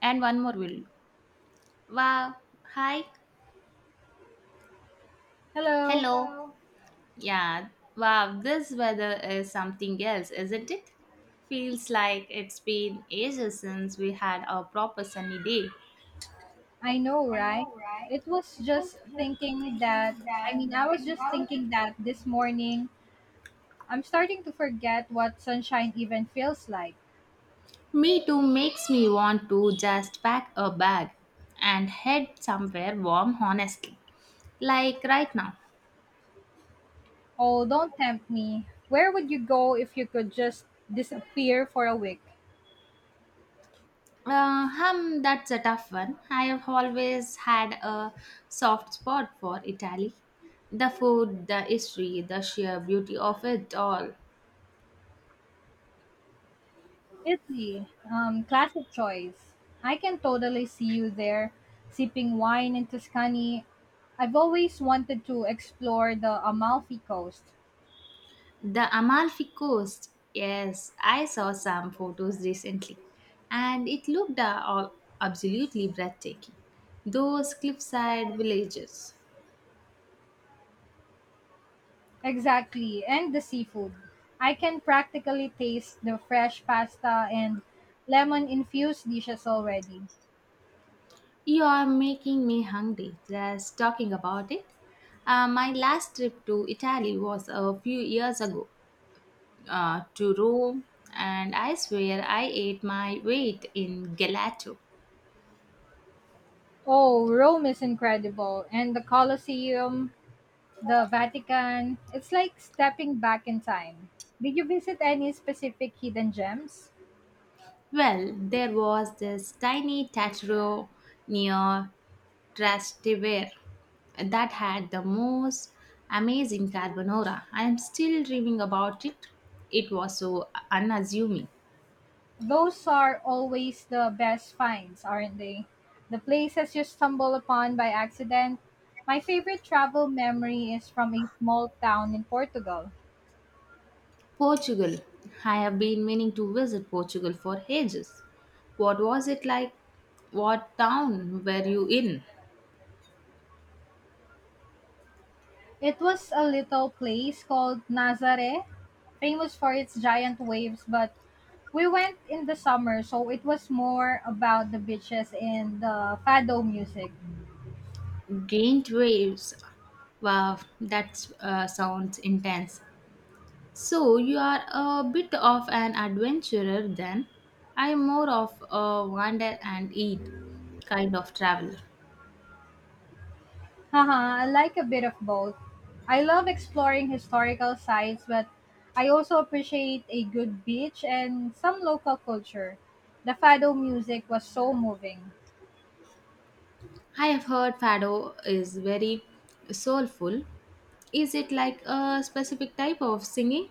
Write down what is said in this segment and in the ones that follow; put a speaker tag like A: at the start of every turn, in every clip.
A: And one more will do. Wow. Hi.
B: Hello,
A: Hello. Yeah. Wow, this weather is something else, isn't it? Feels like it's been ages since we had a proper sunny day.
B: I know, right? It was just thinking that, I mean, I was just thinking that this morning I'm starting to forget what sunshine even feels like.
A: Me too, makes me want to just pack a bag and head somewhere warm, honestly. Like right now.
B: Oh, don't tempt me. Where would you go if you could just disappear for a week?
A: That's a tough one. I have always had a soft spot for Italy. The food, the history, the sheer beauty of it all.
B: Italy, classic choice. I can totally see you there, sipping wine in Tuscany. I've always wanted to explore the Amalfi Coast.
A: The Amalfi Coast, yes, I saw some photos recently, and it looked all absolutely breathtaking. Those cliffside villages.
B: Exactly, and the seafood. I can practically taste the fresh pasta and lemon infused dishes already.
A: You are making me hungry just talking about it. My last trip to Italy was a few years ago, to Rome, and I swear I ate my weight in gelato.
B: Oh, Rome is incredible, and the Colosseum, the Vatican, it's like stepping back in time. Did you visit any specific hidden gems?
A: Well, there was this tiny tattoo near Trastevere that had the most amazing carbonara. I am still dreaming about it. It was so unassuming.
B: Those are always the best finds, aren't they? The places you stumble upon by accident. My favorite travel memory is from a small town in Portugal.
A: Portugal. I have been meaning to visit Portugal for ages. What was it like? What town were you in?
B: It was a little place called Nazare, famous for its giant waves, but we went in the summer, so it was more about the beaches and the fado music.
A: Gained waves. Wow, that sounds intense. So you are a bit of an adventurer then. I'm more of a wander and eat kind of traveler.
B: Haha, I like a bit of both. I love exploring historical sites, but I also appreciate a good beach and some local culture. The fado music was so moving.
A: I have heard fado is very soulful. Is it like a specific type of singing?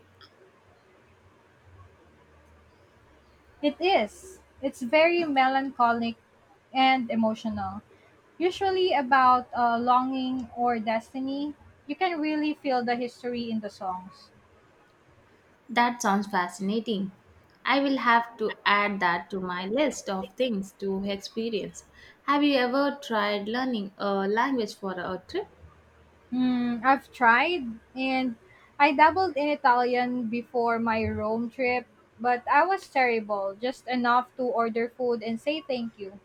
B: It is. It's very melancholic and emotional, usually about longing or destiny. You can really feel the history in the songs.
A: That sounds fascinating. I will have to add that to my list of things to experience. Have you ever tried learning a language for a trip?
B: Hmm, I've tried, and I dabbled in Italian before my Rome trip, but I was terrible, just enough to order food and say thank you.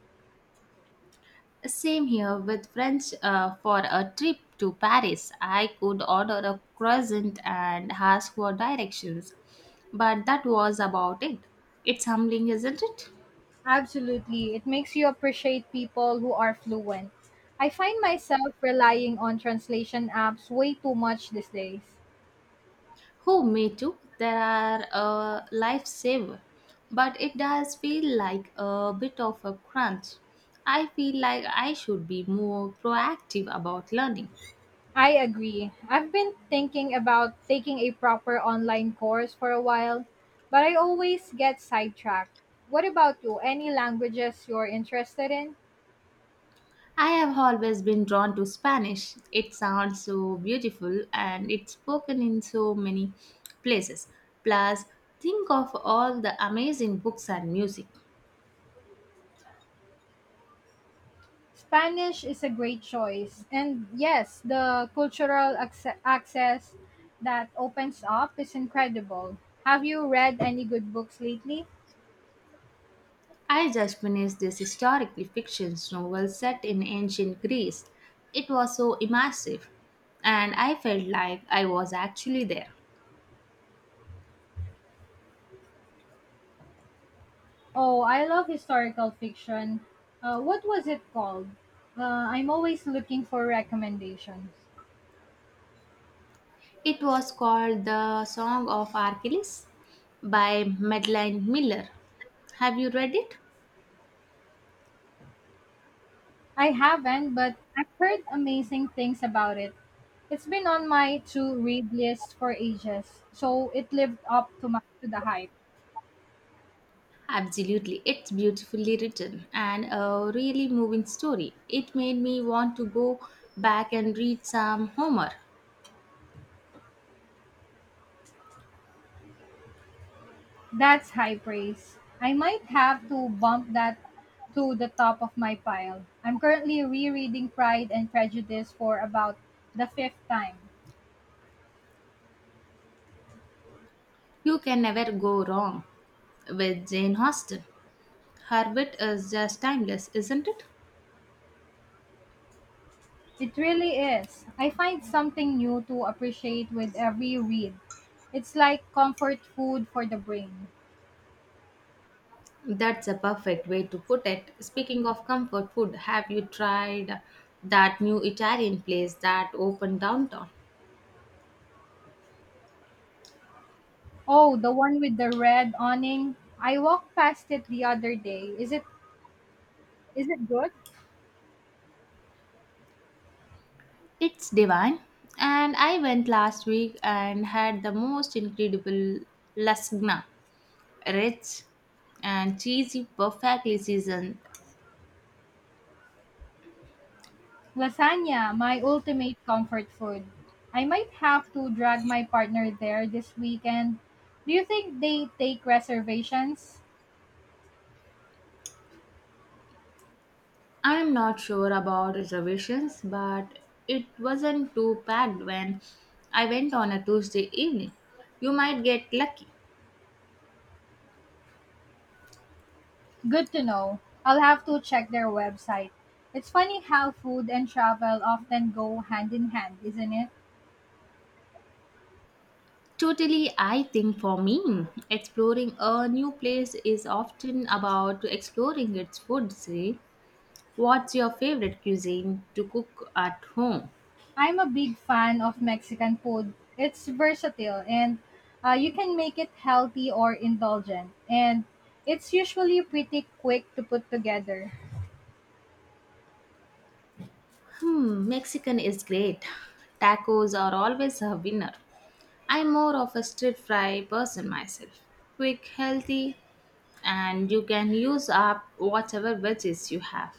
A: Same here with French, for a trip to Paris. I could order a croissant and ask for directions, but that was about it. It's humbling, isn't it?
B: Absolutely, it makes you appreciate people who are fluent. I find myself relying on translation apps way too much these days.
A: Who me too? There are a lifesaver, but it does feel like a bit of a crunch. I feel like I should be more proactive about learning.
B: I agree. I've been thinking about taking a proper online course for a while, but I always get sidetracked. What about you? Any languages you're interested in?
A: I have always been drawn to Spanish. It sounds so beautiful and it's spoken in so many places. Plus, think of all the amazing books and music.
B: Spanish is a great choice. And yes, the cultural access that opens up is incredible. Have you read any good books lately?
A: I just finished this historically fiction novel set in ancient Greece. It was so immersive and I felt like I was actually there.
B: Oh, I love historical fiction. What was it called? Uh, I'm always looking for recommendations.
A: It was called The Song of Achilles by Madeline Miller. Have you read it?
B: I haven't, but I've heard amazing things about it. It's been on my to read list for ages, so it lived up to, to the hype.
A: Absolutely, it's beautifully written and a really moving story. It made me want to go back and read some Homer.
B: That's high praise. I might have to bump that to the top of my pile. I'm currently rereading Pride and Prejudice for about the fifth time.
A: You can never go wrong with Jane Austen. Her wit is just timeless, isn't it?
B: It really is. I find something new to appreciate with every read. It's like comfort food for the brain.
A: That's a perfect way to put it. Speaking of comfort food, have you tried that new Italian place that opened downtown?
B: Oh, the one with the red awning. I walked past it the other day. Is it good?
A: It's divine. And I went last week and had the most incredible lasagna, rich and cheesy, perfectly seasoned.
B: Lasagna, my ultimate comfort food. I might have to drag my partner there this weekend. Do you think they take reservations?
A: I'm not sure about reservations, but it wasn't too packed when I went on a Tuesday evening. You might get lucky.
B: Good to know. I'll have to check their website. It's funny how food and travel often go hand in hand, isn't it?
A: Totally, I think for me, exploring a new place is often about exploring its food. Say, what's your favorite cuisine to cook at home?
B: I'm a big fan of Mexican food. It's versatile and you can make it healthy or indulgent. And it's usually pretty quick to put together.
A: Hmm, Mexican is great. Tacos are always a winner. I'm more of a stir fry person myself. Quick, healthy, and you can use up whatever veggies you have.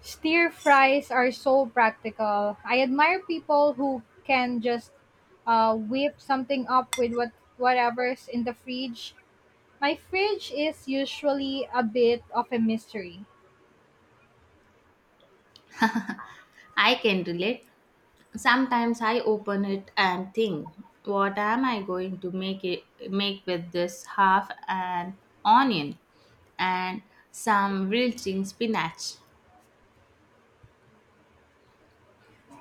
B: Stir fries are so practical. I admire people who can just whip something up with whatever's in the fridge. My fridge is usually a bit of a mystery.
A: I can relate. Sometimes I open it and think, what am I going to make with this half an onion and some wilting spinach?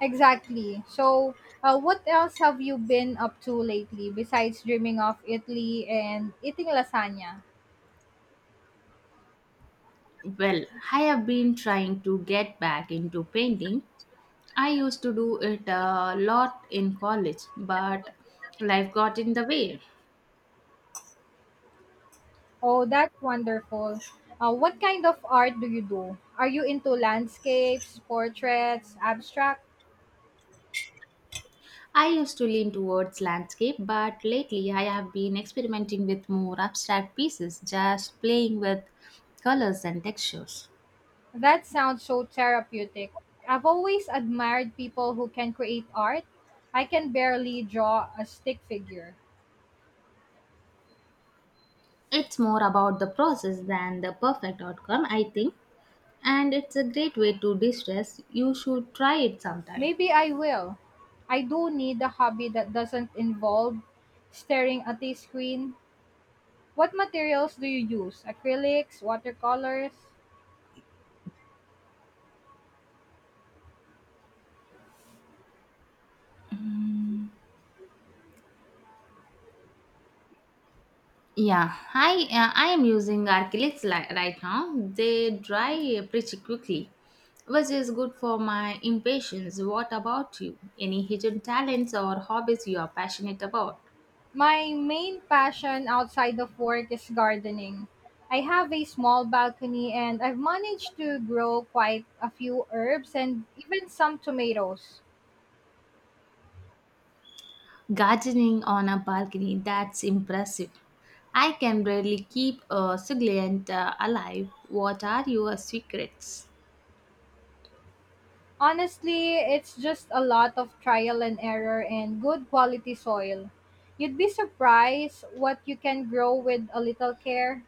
B: Exactly. So, what else have you been up to lately besides dreaming of Italy and eating lasagna?
A: Well, I have been trying to get back into painting. I used to do it a lot in college, but life got in the way.
B: Oh, that's wonderful. What kind of art do you do? Are you into landscapes, portraits, abstract?
A: I used to lean towards landscape, but lately I have been experimenting with more abstract pieces, just playing with colors and textures.
B: That sounds so therapeutic. I've always admired people who can create art. I can barely draw a stick figure.
A: It's more about the process than the perfect outcome, I think, and it's a great way to distress. You should try it sometime.
B: Maybe I will. I do need a hobby that doesn't involve staring at a screen. What materials do you use? Acrylics, watercolors?
A: Yeah, I am using right now. They dry pretty quickly, which is good for my impatience. What about you? Any hidden talents or hobbies you are passionate about?
B: My main passion outside of work is gardening. I have a small balcony and I've managed to grow quite a few herbs and even some tomatoes.
A: Gardening on a balcony, that's impressive. I can barely keep a succulent alive. What are your secrets?
B: Honestly, it's just a lot of trial and error and good quality soil. You'd be surprised what you can grow with a little care.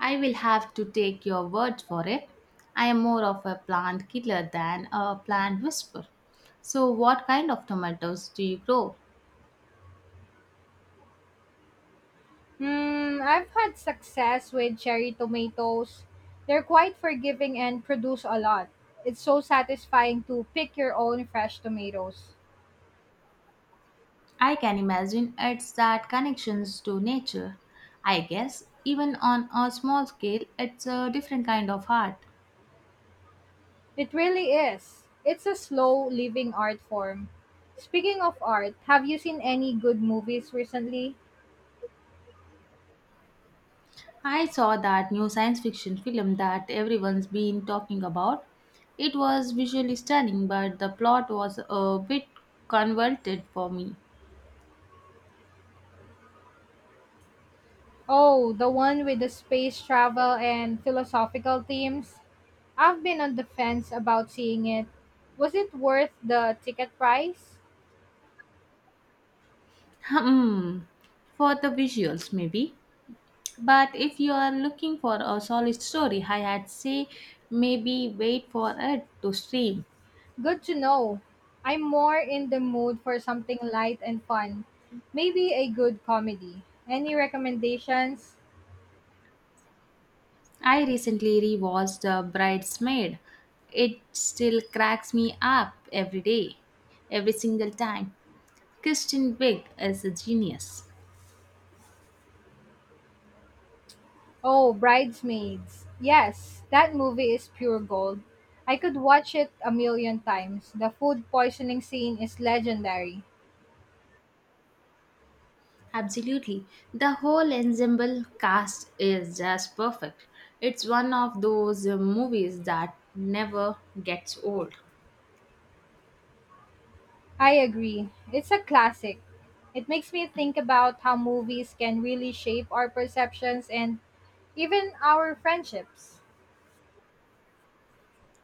A: I will have to take your word for it. I am more of a plant killer than a plant whisperer. So, what kind of tomatoes do you grow?
B: Hmm, I've had success with cherry tomatoes. They're quite forgiving and produce a lot. It's so satisfying to pick your own fresh tomatoes.
A: I can imagine it's that connections to nature. I guess even on a small scale, it's a different kind of art.
B: It really is. It's a slow living art form. Speaking of art, have you seen any good movies recently?
A: I saw that new science fiction film that everyone's been talking about. It was visually stunning, but the plot was a bit convoluted for me.
B: Oh, the one with the space travel and philosophical themes? I've been on the fence about seeing it. Was it worth the ticket price?
A: Hmm, for the visuals, maybe. But if you are looking for a solid story, I had say maybe wait for it to stream.
B: Good to know. I'm more in the mood for something light and fun. Maybe a good comedy. Any recommendations?
A: I recently rewatched The Bridesmaid. It still cracks me up every day, every single time. Kristen Wiig is a genius.
B: Oh, Bridesmaids. Yes, that movie is pure gold. I could watch it a million times. The food poisoning scene is legendary.
A: Absolutely. The whole ensemble cast is just perfect. It's one of those movies that never gets old.
B: I agree. It's a classic. It makes me think about how movies can really shape our perceptions and even our friendships.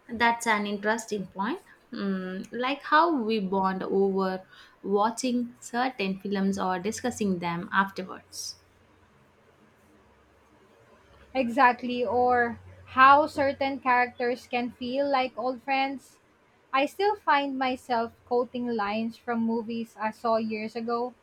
A: That's an interesting point. Mm, like how we bond over watching certain films or discussing them afterwards.
B: Exactly, or how certain characters can feel like old friends. I still find myself quoting lines from movies I saw years ago.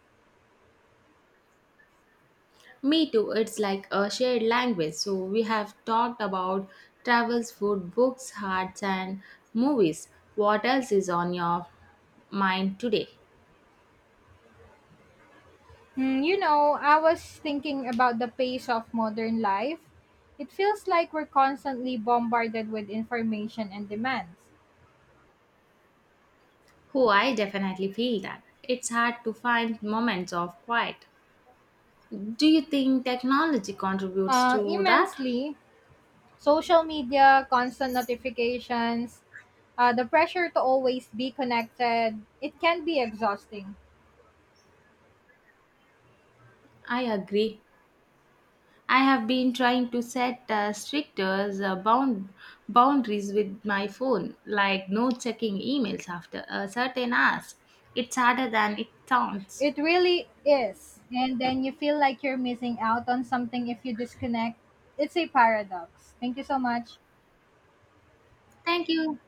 A: Me too. It's like a shared language. So we have talked about travels, food, books, arts, and movies. What else is on your mind today?
B: Hmm, you know, I was thinking about the pace of modern life. It feels like we're constantly bombarded with information and demands.
A: Oh, I definitely feel that. It's hard to find moments of quiet. Do you think technology contributes to that?
B: Immensely, social media, constant notifications, the pressure to always be connected, it can be exhausting.
A: I agree. I have been trying to set stricter boundaries with my phone, like no checking emails after a certain hours. It's harder than it sounds.
B: It really is. And then you feel like you're missing out on something if you disconnect. It's a paradox. Thank you so much.
A: Thank you.